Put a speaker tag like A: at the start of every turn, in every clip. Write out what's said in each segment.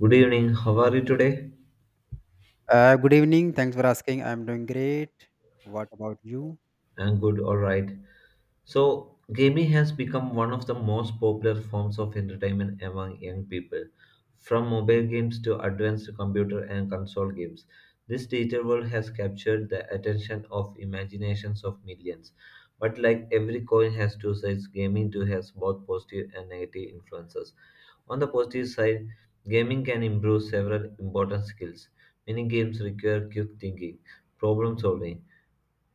A: Good evening. How are you today?
B: Good evening. Thanks for asking. I'm doing great. What about you?
A: I'm good. All right. So, gaming has become one of the most popular forms of entertainment among young people. From mobile games to advanced computer and console games, this digital world has captured the attention of imaginations of millions. But like every coin has two sides, gaming too has both positive and negative influences. On the positive side, gaming can improve several important skills. Many games require quick thinking, problem solving,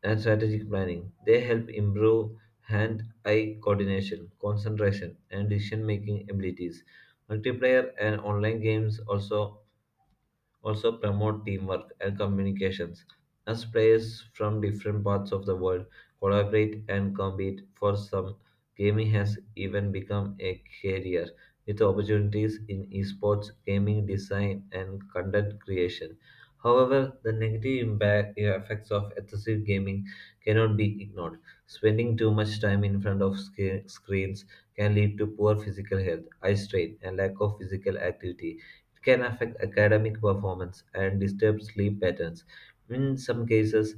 A: and strategic planning. They help improve hand eye coordination, concentration, and decision making abilities. Multiplayer and online games also promote teamwork and communications as players from different parts of the world collaborate and compete. For some, gaming has even become a career with opportunities in esports, gaming design, and content creation. However, the negative impact effects of excessive gaming cannot be ignored. Spending too much time in front of screens can lead to poor physical health, eye strain, and lack of physical activity. It can affect academic performance and disturb sleep patterns. In some cases,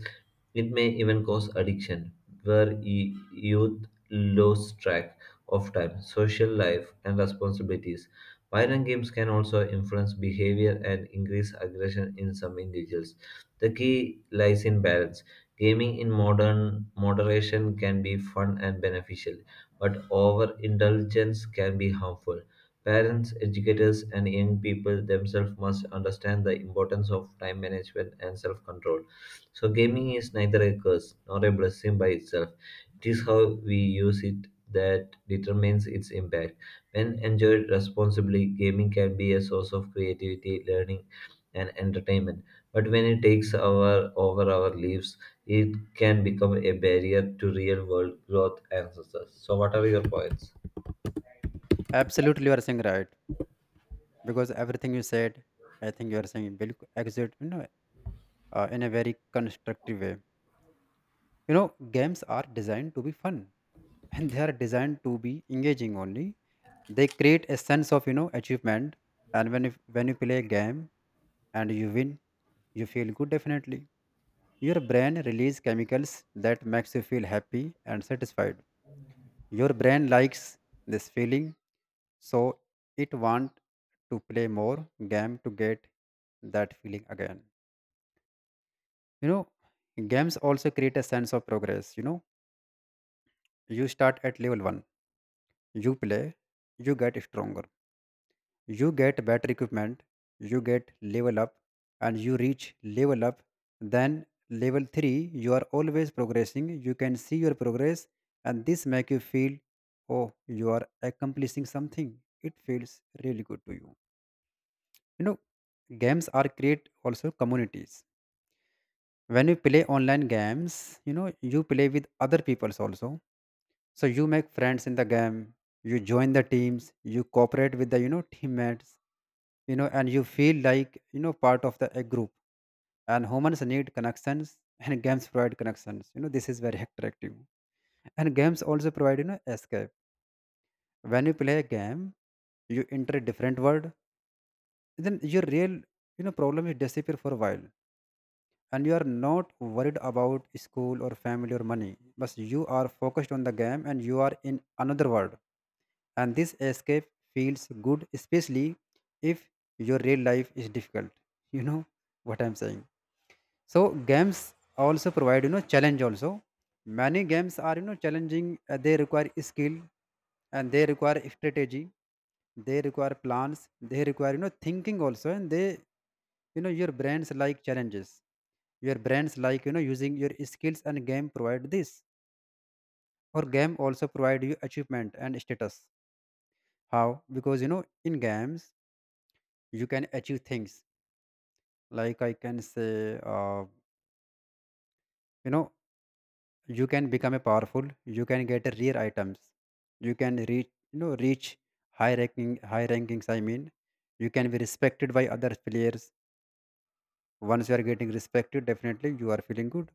A: it may even cause addiction, where youth lose track of time, social life, and responsibilities. Violent games can also influence behavior and increase aggression in some individuals. The key lies in balance. Gaming in modern moderation can be fun and beneficial, but overindulgence can be harmful. Parents, educators, and young people themselves must understand the importance of time management and self control. So, gaming is neither a curse nor a blessing by itself. It is how we use it that determines its impact. When enjoyed responsibly, gaming can be a source of creativity, learning, and entertainment. But when it takes over our lives, it can become a barrier to real world growth and success. So, what are your points?
B: Absolutely, you are saying right because everything you said, I think you are saying will exit, in a very constructive way. You know, games are designed to be fun, and they are designed to be engaging only. They create a sense of you know achievement, and when you play a game and you win, you feel good definitely. Your brain release chemicals that makes you feel happy and satisfied. Your brain likes this feeling, so it wants to play more game to get that feeling again. You know, games also create a sense of progress. You know, you start at level one, you play, you get stronger, you get better equipment, you get level up, and you reach level up, then level 3. You are always progressing, you can see your progress, and this make you feel oh you are accomplishing something. It feels really good to you, you know. Games are create also communities. When you play online games, you know, you play with other peoples also, so you make friends in the game, you join the teams, you cooperate with the you know teammates, you know, and you feel like you know part of the a group, and humans need connections and games provide connections, you know, this is very attractive. And games also provide you know escape. When you play a game, you enter a different world, then your real you know problem will disappear for a while, and you are not worried about school or family or money, but you are focused on the game and you are in another world, and this escape feels good, especially if your real life is difficult, you know what I'm saying. So games also provide you know challenge also. Many games are you know challenging. They require skill and they require strategy. They require plans. They require you know thinking also, and they you know your brains like challenges. Your brains like you know using your skills and game provide this. Or game also provide you achievement and status. How? Because you know in games you can achieve things, like I can say you know you can become a powerful, you can get rare items, you can reach you know reach high ranking, high rankings I mean, you can be respected by other players. Once you are getting respected, definitely you are feeling good.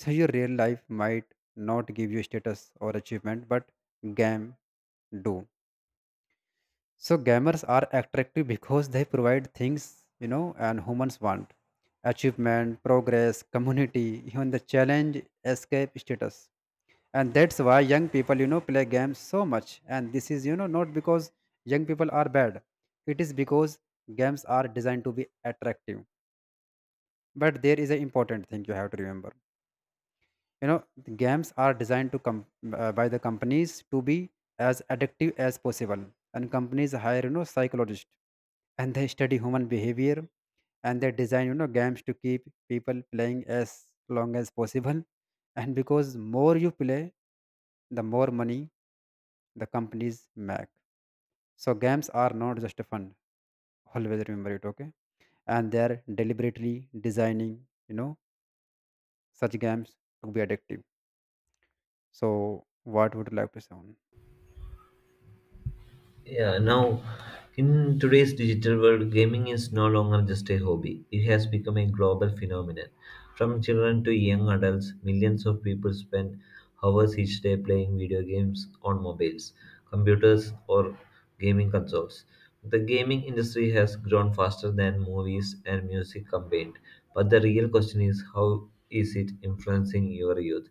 B: So your real life might not give you status or achievement, but game do. So gamers are attractive because they provide things, you know, and humans want achievement, progress, community, even the challenge, escape, status. And that's why young people you know play games so much, and this is you know not because young people are bad, it is because games are designed to be attractive. But there is an important thing you have to remember. You know the games are designed to come by the companies to be as addictive as possible, and companies hire you know psychologists and they study human behavior, and they design you know games to keep people playing as long as possible, and because more you play, the more money the companies make. So games are not just fun. Always remember it, okay? And they are deliberately designing, you know, such games to be addictive. So what would you like to say on?
A: Yeah, now, in today's digital world, gaming is no longer just a hobby. It has become a global phenomenon. From children to young adults, millions of people spend hours each day playing video games on mobiles, computers, or gaming consoles. The gaming industry has grown faster than movies and music combined, but the real question is, how is it influencing your youth?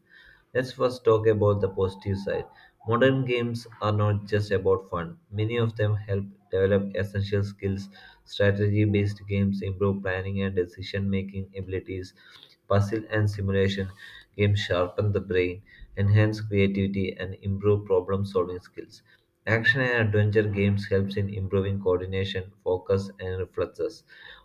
A: Let's first talk about the positive side. Modern games are not just about fun. Many of them help develop essential skills. Strategy based games improve planning and decision making abilities. Puzzle and simulation games sharpen the brain, enhance creativity, and improve problem solving skills. Action and adventure games helps in improving coordination, focus, and reflexes.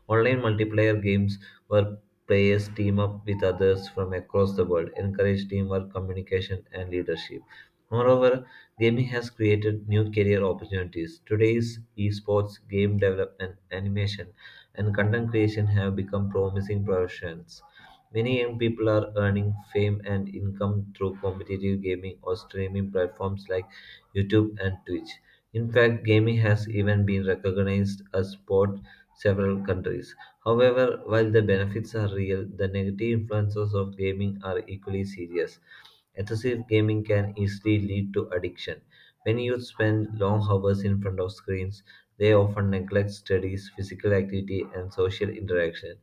A: Online multiplayer games, where players team up with others from across the world, encourage teamwork, communication, and leadership. Moreover, gaming has created new career opportunities. Today's esports, game development, animation, and content creation have become promising professions. Many young people are earning fame and income through competitive gaming or streaming platforms like YouTube and Twitch. In fact, gaming has even been recognized as sport several countries. However, while the benefits are real, the negative influences of gaming are equally serious. Excessive gaming can easily lead to addiction. When youth spend long hours in front of screens, they often neglect studies, physical activity, and social interaction.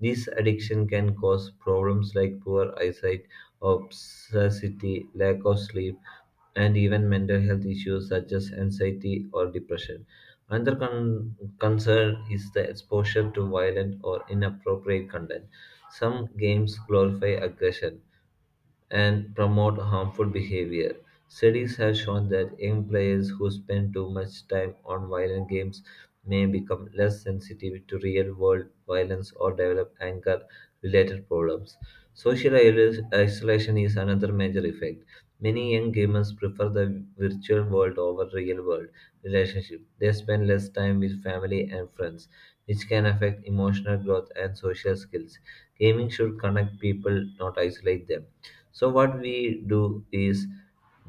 A: This addiction can cause problems like poor eyesight, obesity, lack of sleep, and even mental health issues such as anxiety or depression. Another concern is the exposure to violent or inappropriate content. Some games glorify aggression and promote harmful behavior. Studies have shown that young players who spend too much time on violent games may become less sensitive to real world violence or develop anger related problems. Social isolation is another major effect. Many young gamers prefer the virtual world over real world relationship. They spend less time with family and friends, which can affect emotional growth and social skills. Gaming should connect people, not isolate them. So, what we do is,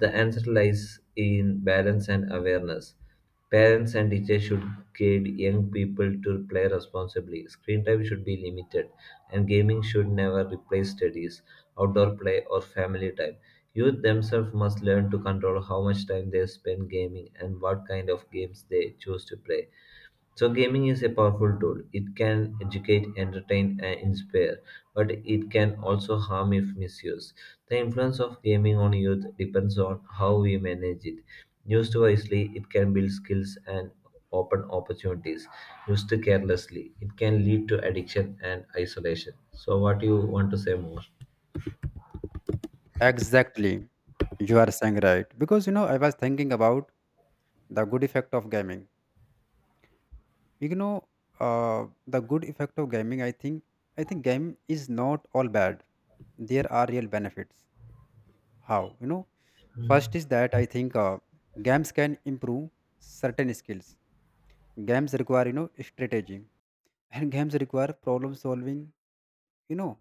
A: the answer lies in balance and awareness. Parents and teachers should guide young people to play responsibly. Screen time should be limited, and gaming should never replace studies, outdoor play, or family time. Youth themselves must learn to control how much time they spend gaming and what kind of games they choose to play. So, gaming is a powerful tool. It can educate, entertain, and inspire, but it can also harm if misused. The influence of gaming on youth depends on how we manage it. Used wisely, it can build skills and open opportunities. Used carelessly, it can lead to addiction and isolation. So, what do you want to say more?
B: Exactly. You are saying right. Because you know, I was thinking about the good effect of gaming. You know, the good effect of gaming, I think game is not all bad. There are real benefits. How? You know, first is that I think games can improve certain skills. Games require, you know, strategy, and games require problem solving. You know,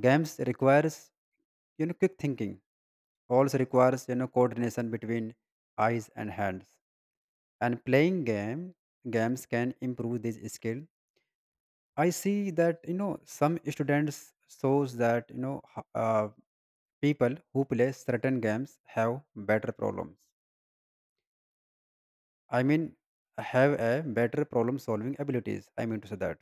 B: games requires, you know, quick thinking. Also requires, you know, coordination between eyes and hands. And playing games can improve this skill. I see that, you know, some students shows that, you know, people who play certain games have better problems. I mean, have a better problem solving abilities, I mean to say that,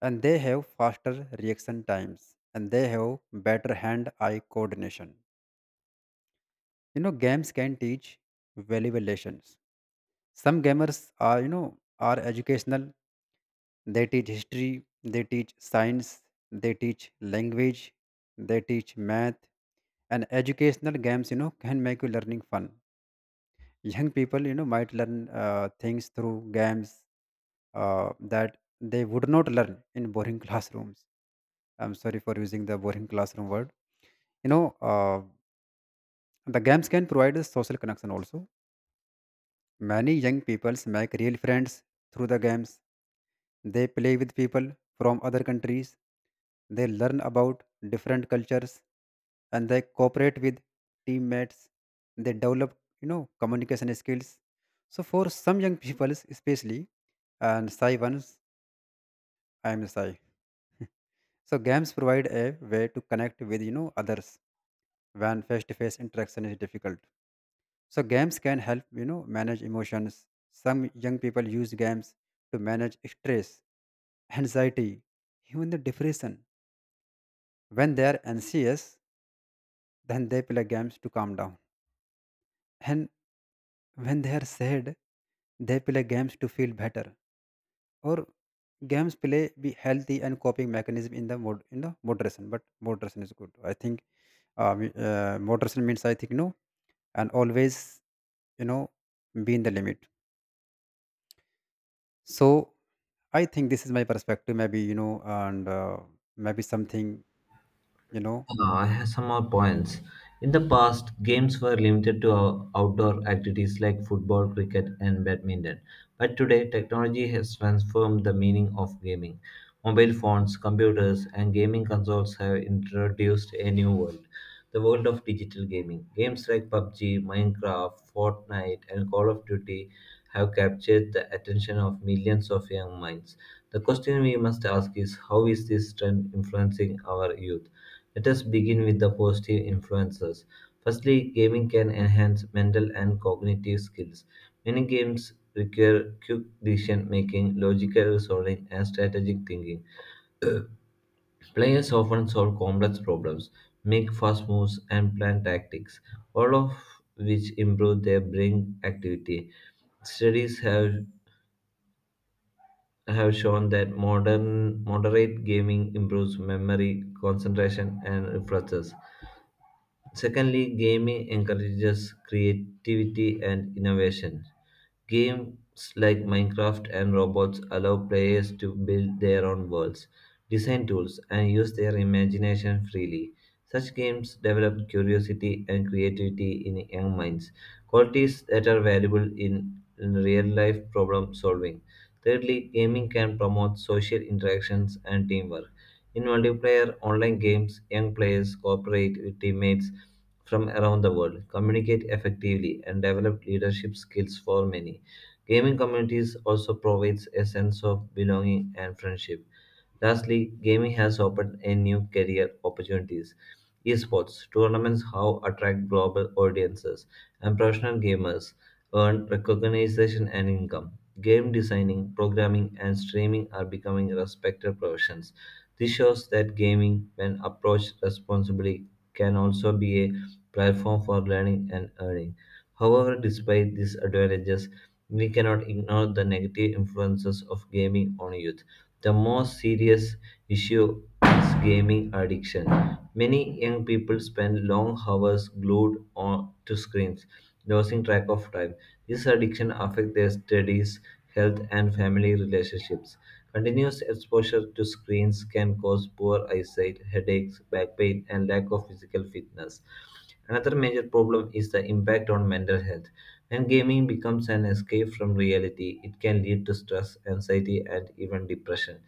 B: and they have faster reaction times, and they have better hand eye coordination. You know games can teach valuable lessons. Some gamers are you know are educational. They teach history, they teach science, they teach language, they teach math. And educational games you know can make you learning fun. Young people you know might learn things through games that they would not learn in boring classrooms. I'm sorry for using the boring classroom word. You know, the games can provide a social connection also. Many young peoples make real friends through the games. They play with people from other countries. They learn about different cultures, and they cooperate with teammates. They develop, you know, communication skills. So for some young peoples, especially, and shy ones, I am shy. So games provide a way to connect with, you know, others when face-to-face interaction is difficult. So games can help, you know, manage emotions. Some young people use games to manage stress, anxiety, even the depression. When they are anxious, then they play games to calm down. And when they are sad, they play games to feel better. Or games play be healthy and coping mechanism in the moderation. But moderation is good. I think moderation means I think no, and always you know be in the limit. So I think this is my perspective, maybe, you know, and maybe something, you know,
A: I have some more points. In the past, games were limited to outdoor activities like football, cricket, and badminton. But today, technology has transformed the meaning of gaming. Mobile phones, computers, and gaming consoles have introduced a new world, the world of digital gaming. Games like PUBG, Minecraft, Fortnite, and Call of Duty have captured the attention of millions of young minds. The question we must ask is, how is this trend influencing our youth? Let us begin with the positive influences. Firstly, gaming can enhance mental and cognitive skills. Many games require quick decision making, logical reasoning, and strategic thinking. Players often solve complex problems, make fast moves, and plan tactics, all of which improve their brain activity. Studies have shown that modern moderate gaming improves memory, concentration, and reflexes. Secondly, gaming encourages creativity and innovation. Games like Minecraft and Robots allow players to build their own worlds, design tools, and use their imagination freely. Such games develop curiosity and creativity in young minds, qualities that are valuable in real life problem solving. Thirdly, gaming can promote social interactions and teamwork. In multiplayer online games, young players cooperate with teammates from around the world, communicate effectively, and develop leadership skills for many. Gaming communities also provides a sense of belonging and friendship. Lastly, gaming has opened a new career opportunities. Esports tournaments how attract global audiences, and professional gamers earn recognition and income. Game designing, programming, and streaming are becoming respected professions. This shows that gaming, when approached responsibly, can also be a platform for learning and earning. However, despite these advantages, we cannot ignore the negative influences of gaming on youth. The most serious issue is gaming addiction. Many young people spend long hours glued on to screens, losing track of time. This addiction affects their studies, health, and family relationships. Continuous exposure to screens can cause poor eyesight, headaches, back pain, and lack of physical fitness. Another major problem is the impact on mental health. When gaming becomes an escape from reality, it can lead to stress, anxiety, and even depression.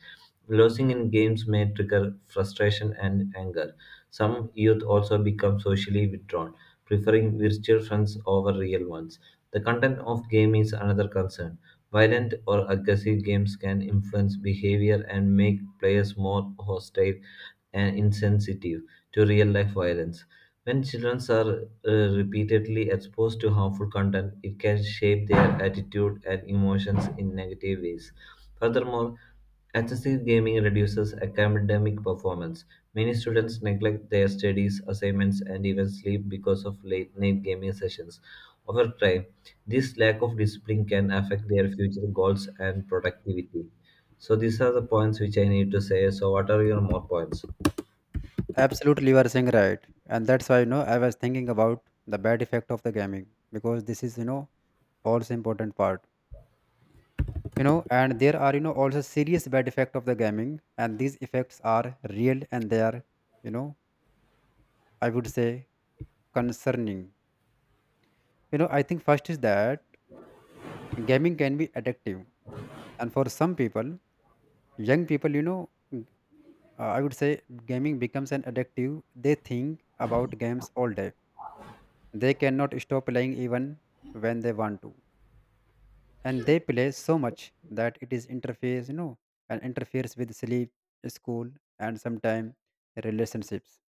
A: Losing in games may trigger frustration and anger. Some youth also become socially withdrawn, preferring virtual friends over real ones. The content of game is another concern. Violent or aggressive games can influence behavior and make players more hostile and insensitive to real life violence. When children are repeatedly exposed to harmful content, it can shape their attitude and emotions in negative ways. Furthermore, excessive gaming reduces academic performance. Many students neglect their studies, assignments, and even sleep because of late night gaming sessions. Over time, this lack of discipline can affect their future goals and productivity. So, these are the points which I need to say. So, what are your more points?
B: absolutely you are saying right. And that's why, you know, I was thinking about the bad effect of the gaming, because this is, you know, also important part, you know, and there are, you know, also serious bad effect of the gaming, and these effects are real, and they are, you know, I would say, concerning. You know, I think first is that gaming can be addictive. And for some people, young people, you know, I would say gaming becomes an addictive. They think about games all day. They cannot stop playing even when they want to. And they play so much that it is interferes, you know, and interferes with sleep, school, and sometimes relationships.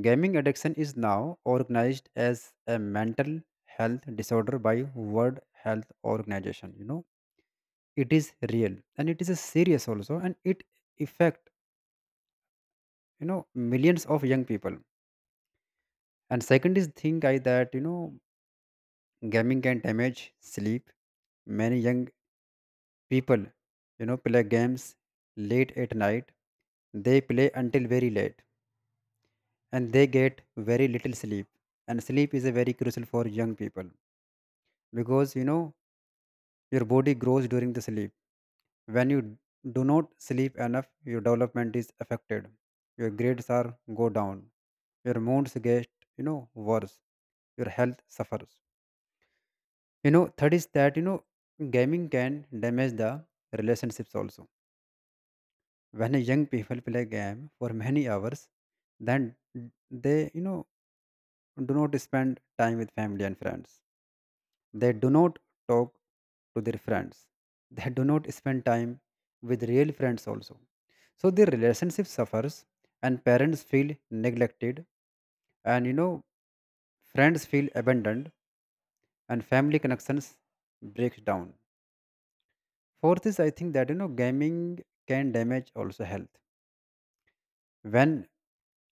B: Gaming addiction is now organized as a mental health disorder by World Health Organization. You know, it is real and it is a serious also, and it affect you know millions of young people. And second is thing I that you know gaming can damage sleep. Many young people you know play games late at night. They play until very late, and they get very little sleep. And sleep is a very crucial for young people, because you know your body grows during the sleep. When you do not sleep enough, your development is affected, your grades are go down, your moods get you know worse, your health suffers. You know, third is that, you know, gaming can damage the relationships also. When young people play game for many hours, then they, you know, do not spend time with family and friends. They do not talk to their friends. They do not spend time with real friends also. So their relationship suffers, and parents feel neglected, and you know friends feel abandoned, and family connections breaks down. Fourth is I think that you know gaming can damage also health. When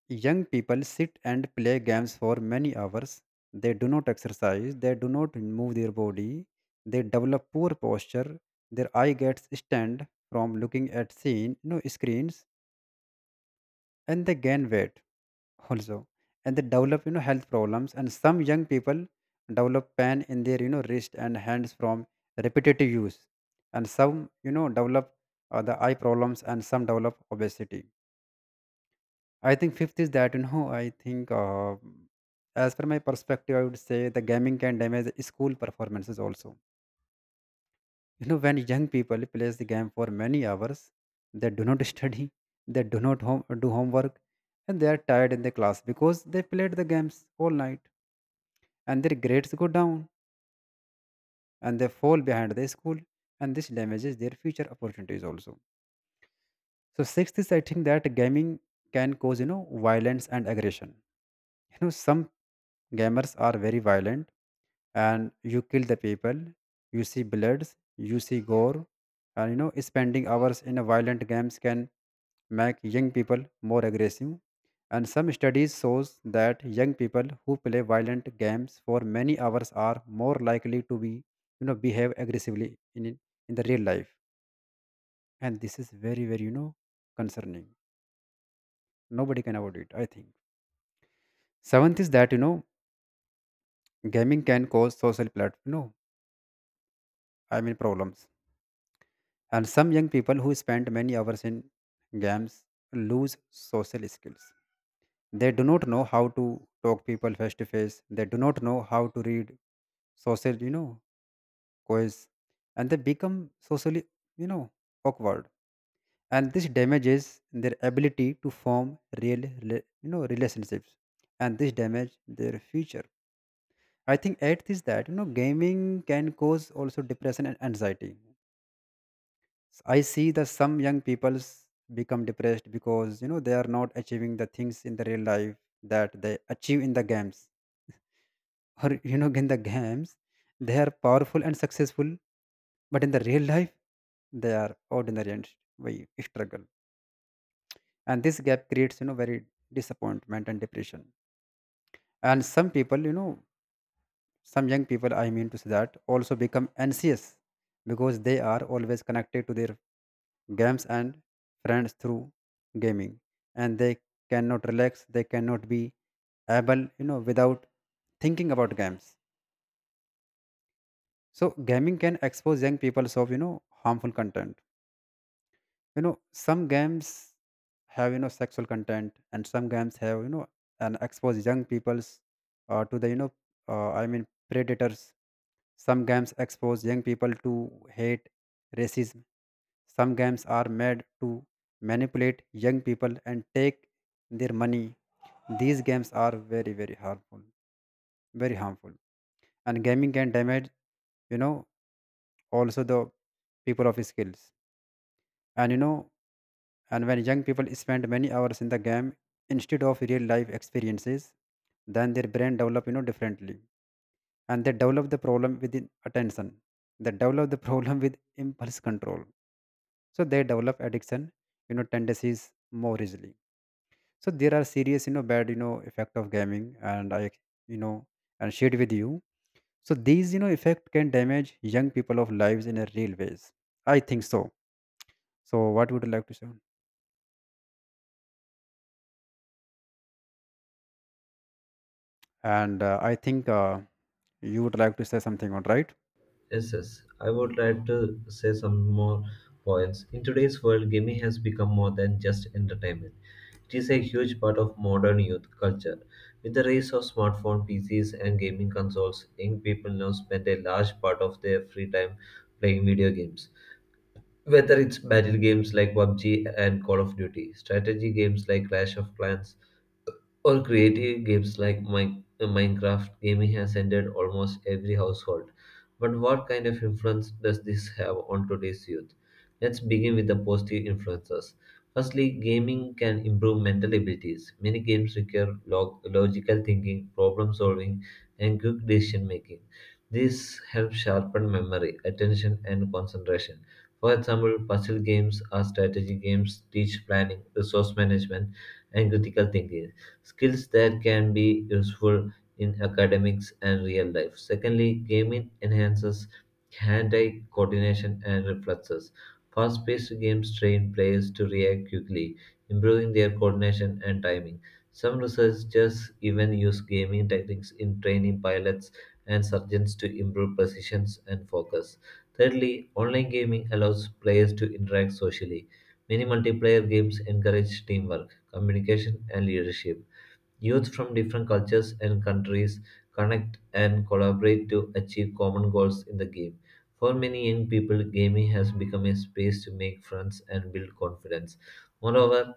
B: young people sit and play games for many hours, they do not exercise, they do not move their body, they develop poor posture, their eye gets stunned from looking at screens, and they gain weight also. And they develop you know health problems. And some young people develop pain in their you know wrist and hands from repetitive use, and some you know develop the eye problems, and some develop obesity. I think fifth is that you know I think as per my perspective I would say the gaming can damage school performances also. You know when young people plays the game for many hours, they do not study, they do not home, do homework, and they are tired in the class because they played the games all night, and their grades go down, and they fall behind the school, and this damages their future opportunities also. So sixth is I think that gaming can cause you know violence and aggression. You know some gamers are very violent, and you kill the people, you see bloods, you see gore, and you know spending hours in a violent games can make young people more aggressive. And some studies shows that young people who play violent games for many hours are more likely to be you know behave aggressively in the real life, and this is very very you know concerning. Nobody can avoid it I think. Seventh is that you know gaming can cause social plat you know I mean problems. And some young people who spend many hours in games lose social skills. They do not know how to talk people face to face. They do not know how to read social, you know, quiz, and they become socially, you know, awkward. And this damages their ability to form real, you know, relationships. And this damage their future. I think eighth is that you know gaming can cause also depression and anxiety. I see that some young people become depressed because you know they are not achieving the things in the real life that they achieve in the games. Or you know, in the games, they are powerful and successful, but in the real life, they are ordinary and we struggle. And this gap creates you know very disappointment and depression. And some people, you know, some young people, I mean to say that, also become anxious because they are always connected to their games and friends through gaming, and they cannot relax, they cannot be able you know without thinking about games. So gaming can expose young people of you know harmful content. You know some games have you know sexual content, and some games have you know and expose young peoples to the you know I mean predators. Some games expose young people to hate, racism. Some games are made to manipulate young people and take their money. These games are very very harmful, very harmful. And gaming can damage you know also the people of skills, and you know, and when young people spend many hours in the game instead of real life experiences, then their brain develop you know differently, and they develop the problem with the attention. They develop the problem with impulse control. So they develop addiction, you know, tendencies more easily. So there are serious, you know, bad, you know, effect of gaming, and I, you know, and shared with you. So these, you know, effect can damage young people of lives in a real ways. I think so. So what would you like to say? And I think you would like to say something on right.
A: Yes, yes. I would like to say some more points. In today's world, gaming has become more than just entertainment. It is a huge part of modern youth culture. With the rise of smartphone, PCs, and gaming consoles, young people now spend a large part of their free time playing video games. Whether it's battle games like PUBG and Call of Duty, strategy games like Clash of Clans, or creative games like Minecraft, gaming has entered almost every household. But what kind of influence does this have on today's youth? Let's begin with the positive influences. Firstly, gaming can improve mental abilities. Many games require logical thinking, problem solving, and quick decision making. This helps sharpen memory, attention, and concentration. For example, puzzle games or strategy games teach planning, resource management, and critical thinking skills that can be useful in academics and real life. Secondly, gaming enhances hand-eye coordination and reflexes. Fast-paced games train players to react quickly, improving their coordination and timing. Some researchers even use gaming techniques in training pilots and surgeons to improve precision and focus. Thirdly, online gaming allows players to interact socially. Many multiplayer games encourage teamwork, communication, and leadership. Youth from different cultures and countries connect and collaborate to achieve common goals in the game. For many young people, gaming has become a space to make friends and build confidence. Moreover,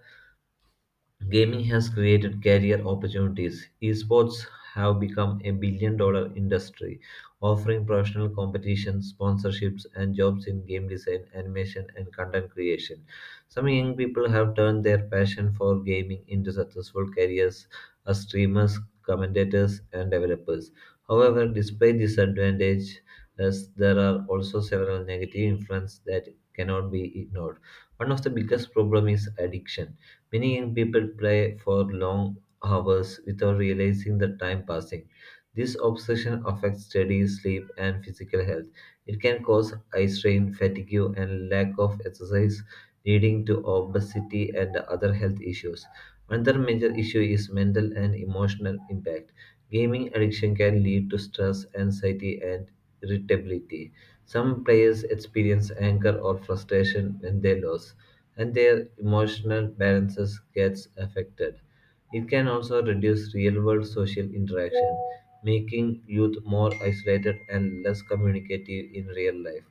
A: gaming has created career opportunities. Esports have become a billion dollar industry, offering professional competitions, sponsorships, and jobs in game design, animation, and content creation. Some young people have turned their passion for gaming into successful careers as streamers, commentators, and developers. However, despite disadvantages, there are also several negative influences that cannot be ignored. One of the biggest problems is addiction. Many young people play for long hours without realizing the time passing. This obsession affects study, sleep, and physical health. It can cause eye strain, fatigue, and lack of exercise, leading to obesity and other health issues. Another major issue is mental and emotional impact. Gaming addiction can lead to stress, anxiety, and irritability. Some players experience anger or frustration when they lose and their emotional balances gets affected. It can also reduce real-world social interaction, making youth more isolated and less communicative in real life.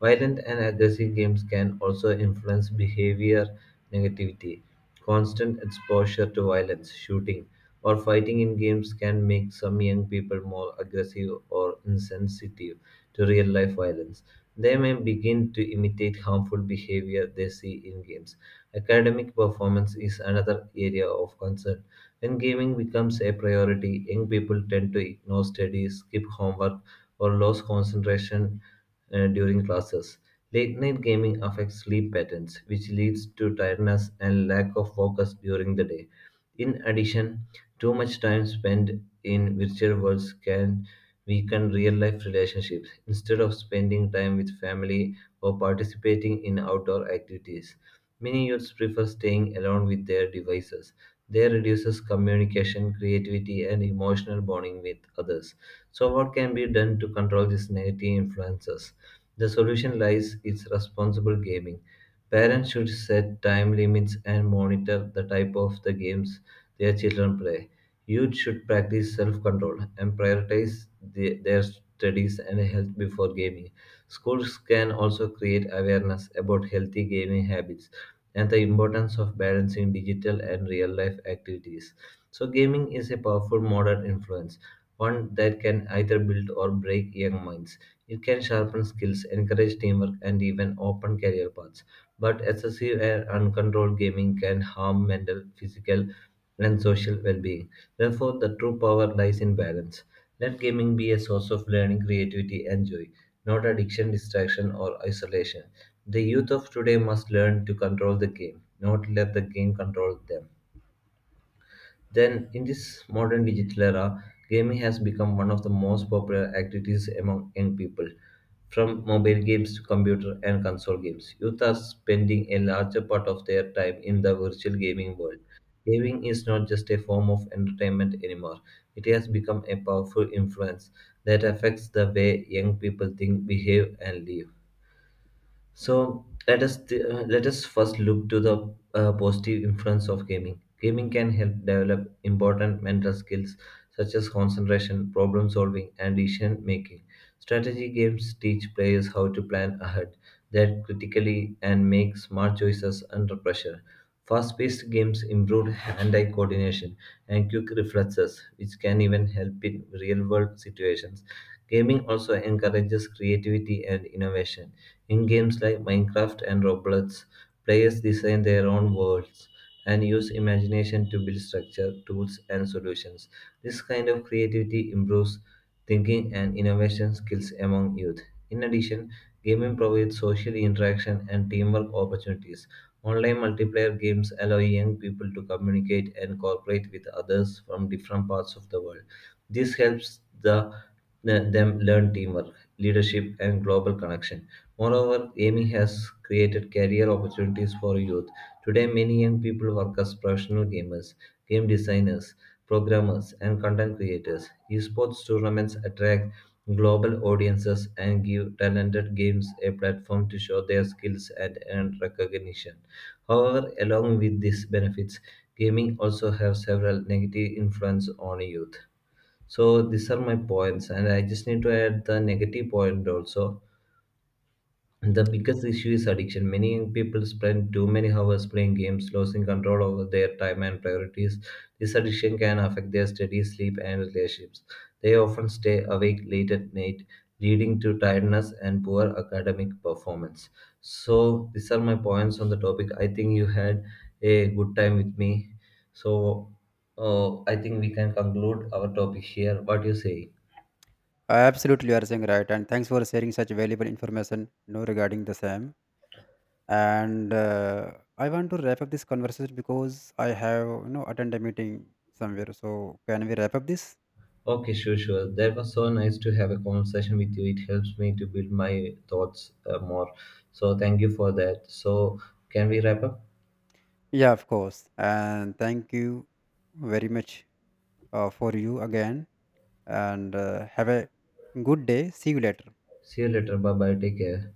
A: Violent and aggressive games can also influence behavior negativity. Constant exposure to violence, shooting, or fighting in games can make some young people more aggressive or insensitive to real life violence. They may begin to imitate harmful behavior they see in games. Academic performance is another area of concern. When gaming becomes a priority, young people tend to ignore studies, skip homework, or lose concentration during classes. Late night gaming affects sleep patterns, which leads to tiredness and lack of focus during the day. In addition, too much time spent in virtual worlds can weaken real life relationships. Instead of spending time with family or participating in outdoor activities, many youths prefer staying alone with their devices. They reduces communication, creativity, and emotional bonding with others. So, what can be done to control these negative influences? The solution lies in responsible gaming. Parents should set time limits and monitor the type of the games their children play. Youth should practice self control and prioritize their studies and health before gaming. Schools can also create awareness about healthy gaming habits and the importance of balancing digital and real life activities. So, gaming is a powerful modern influence, one that can either build or break young minds. It can sharpen skills, encourage teamwork, and even open career paths, but excessive and uncontrolled gaming can harm mental, physical, and social well being. Therefore, the true power lies in balance. Let gaming be a source of learning, creativity, and joy, not addiction, distraction, or isolation. The youth of today must learn to control the game, not let the game control them. Then, in this modern digital era, gaming has become one of the most popular activities among young people. From mobile games to computer and console games, youth are spending a larger part of their time in the virtual gaming world. Gaming is not just a form of entertainment anymore, it has become a powerful influence that affects the way young people think, behave, and live. So let us first look to the positive influence of gaming. Gaming can help develop important mental skills such as concentration, problem solving, and decision making. Strategy games teach players how to plan ahead, that critically, and make smart choices under pressure. Fast-paced games improve hand-eye coordination and quick reflexes, which can even help in real-world situations. Gaming also encourages creativity and innovation in games like Minecraft and Roblox, players design their own worlds and use imagination to build structure, tools, and solutions. This kind of creativity improves thinking and innovation skills among youth. In addition, gaming provides social interaction and teamwork opportunities. Online multiplayer games allow young people to communicate and cooperate with others from different parts of the world. This helps them learn teamwork, leadership, and global connection. Moreover, AMI has created career opportunities for youth. Today, many young people work as professional gamers, game designers, programmers, and content creators. Esports tournaments attract global audiences and give talented games a platform to show their skills and earn recognition. However, along with these benefits, gaming also has several negative influence on youth. So these are my points, and I just need to add the negative point also. The biggest issue is addiction. Many young people spend too many hours playing games, losing control over their time and priorities. This addiction can affect their study, sleep, and relationships. They often stay awake late at night, leading to tiredness and poor academic performance. So these are my points on the topic. I think you had a good time with me. So I think we can conclude our topic here. What do you say?
B: Absolutely you are saying right, and thanks for sharing such valuable information you know, regarding the same. And I want to wrap up this conversation because I have you know attend a meeting somewhere, so can we wrap up this?
A: Okay, sure, sure. That was so nice to have a conversation with you. It helps me to build my thoughts more. So, thank you for that. So, can we wrap up?
B: Yeah, of course, and thank you very much for you again. And have a good day, see you later.
A: See you later. Bye bye. Take care.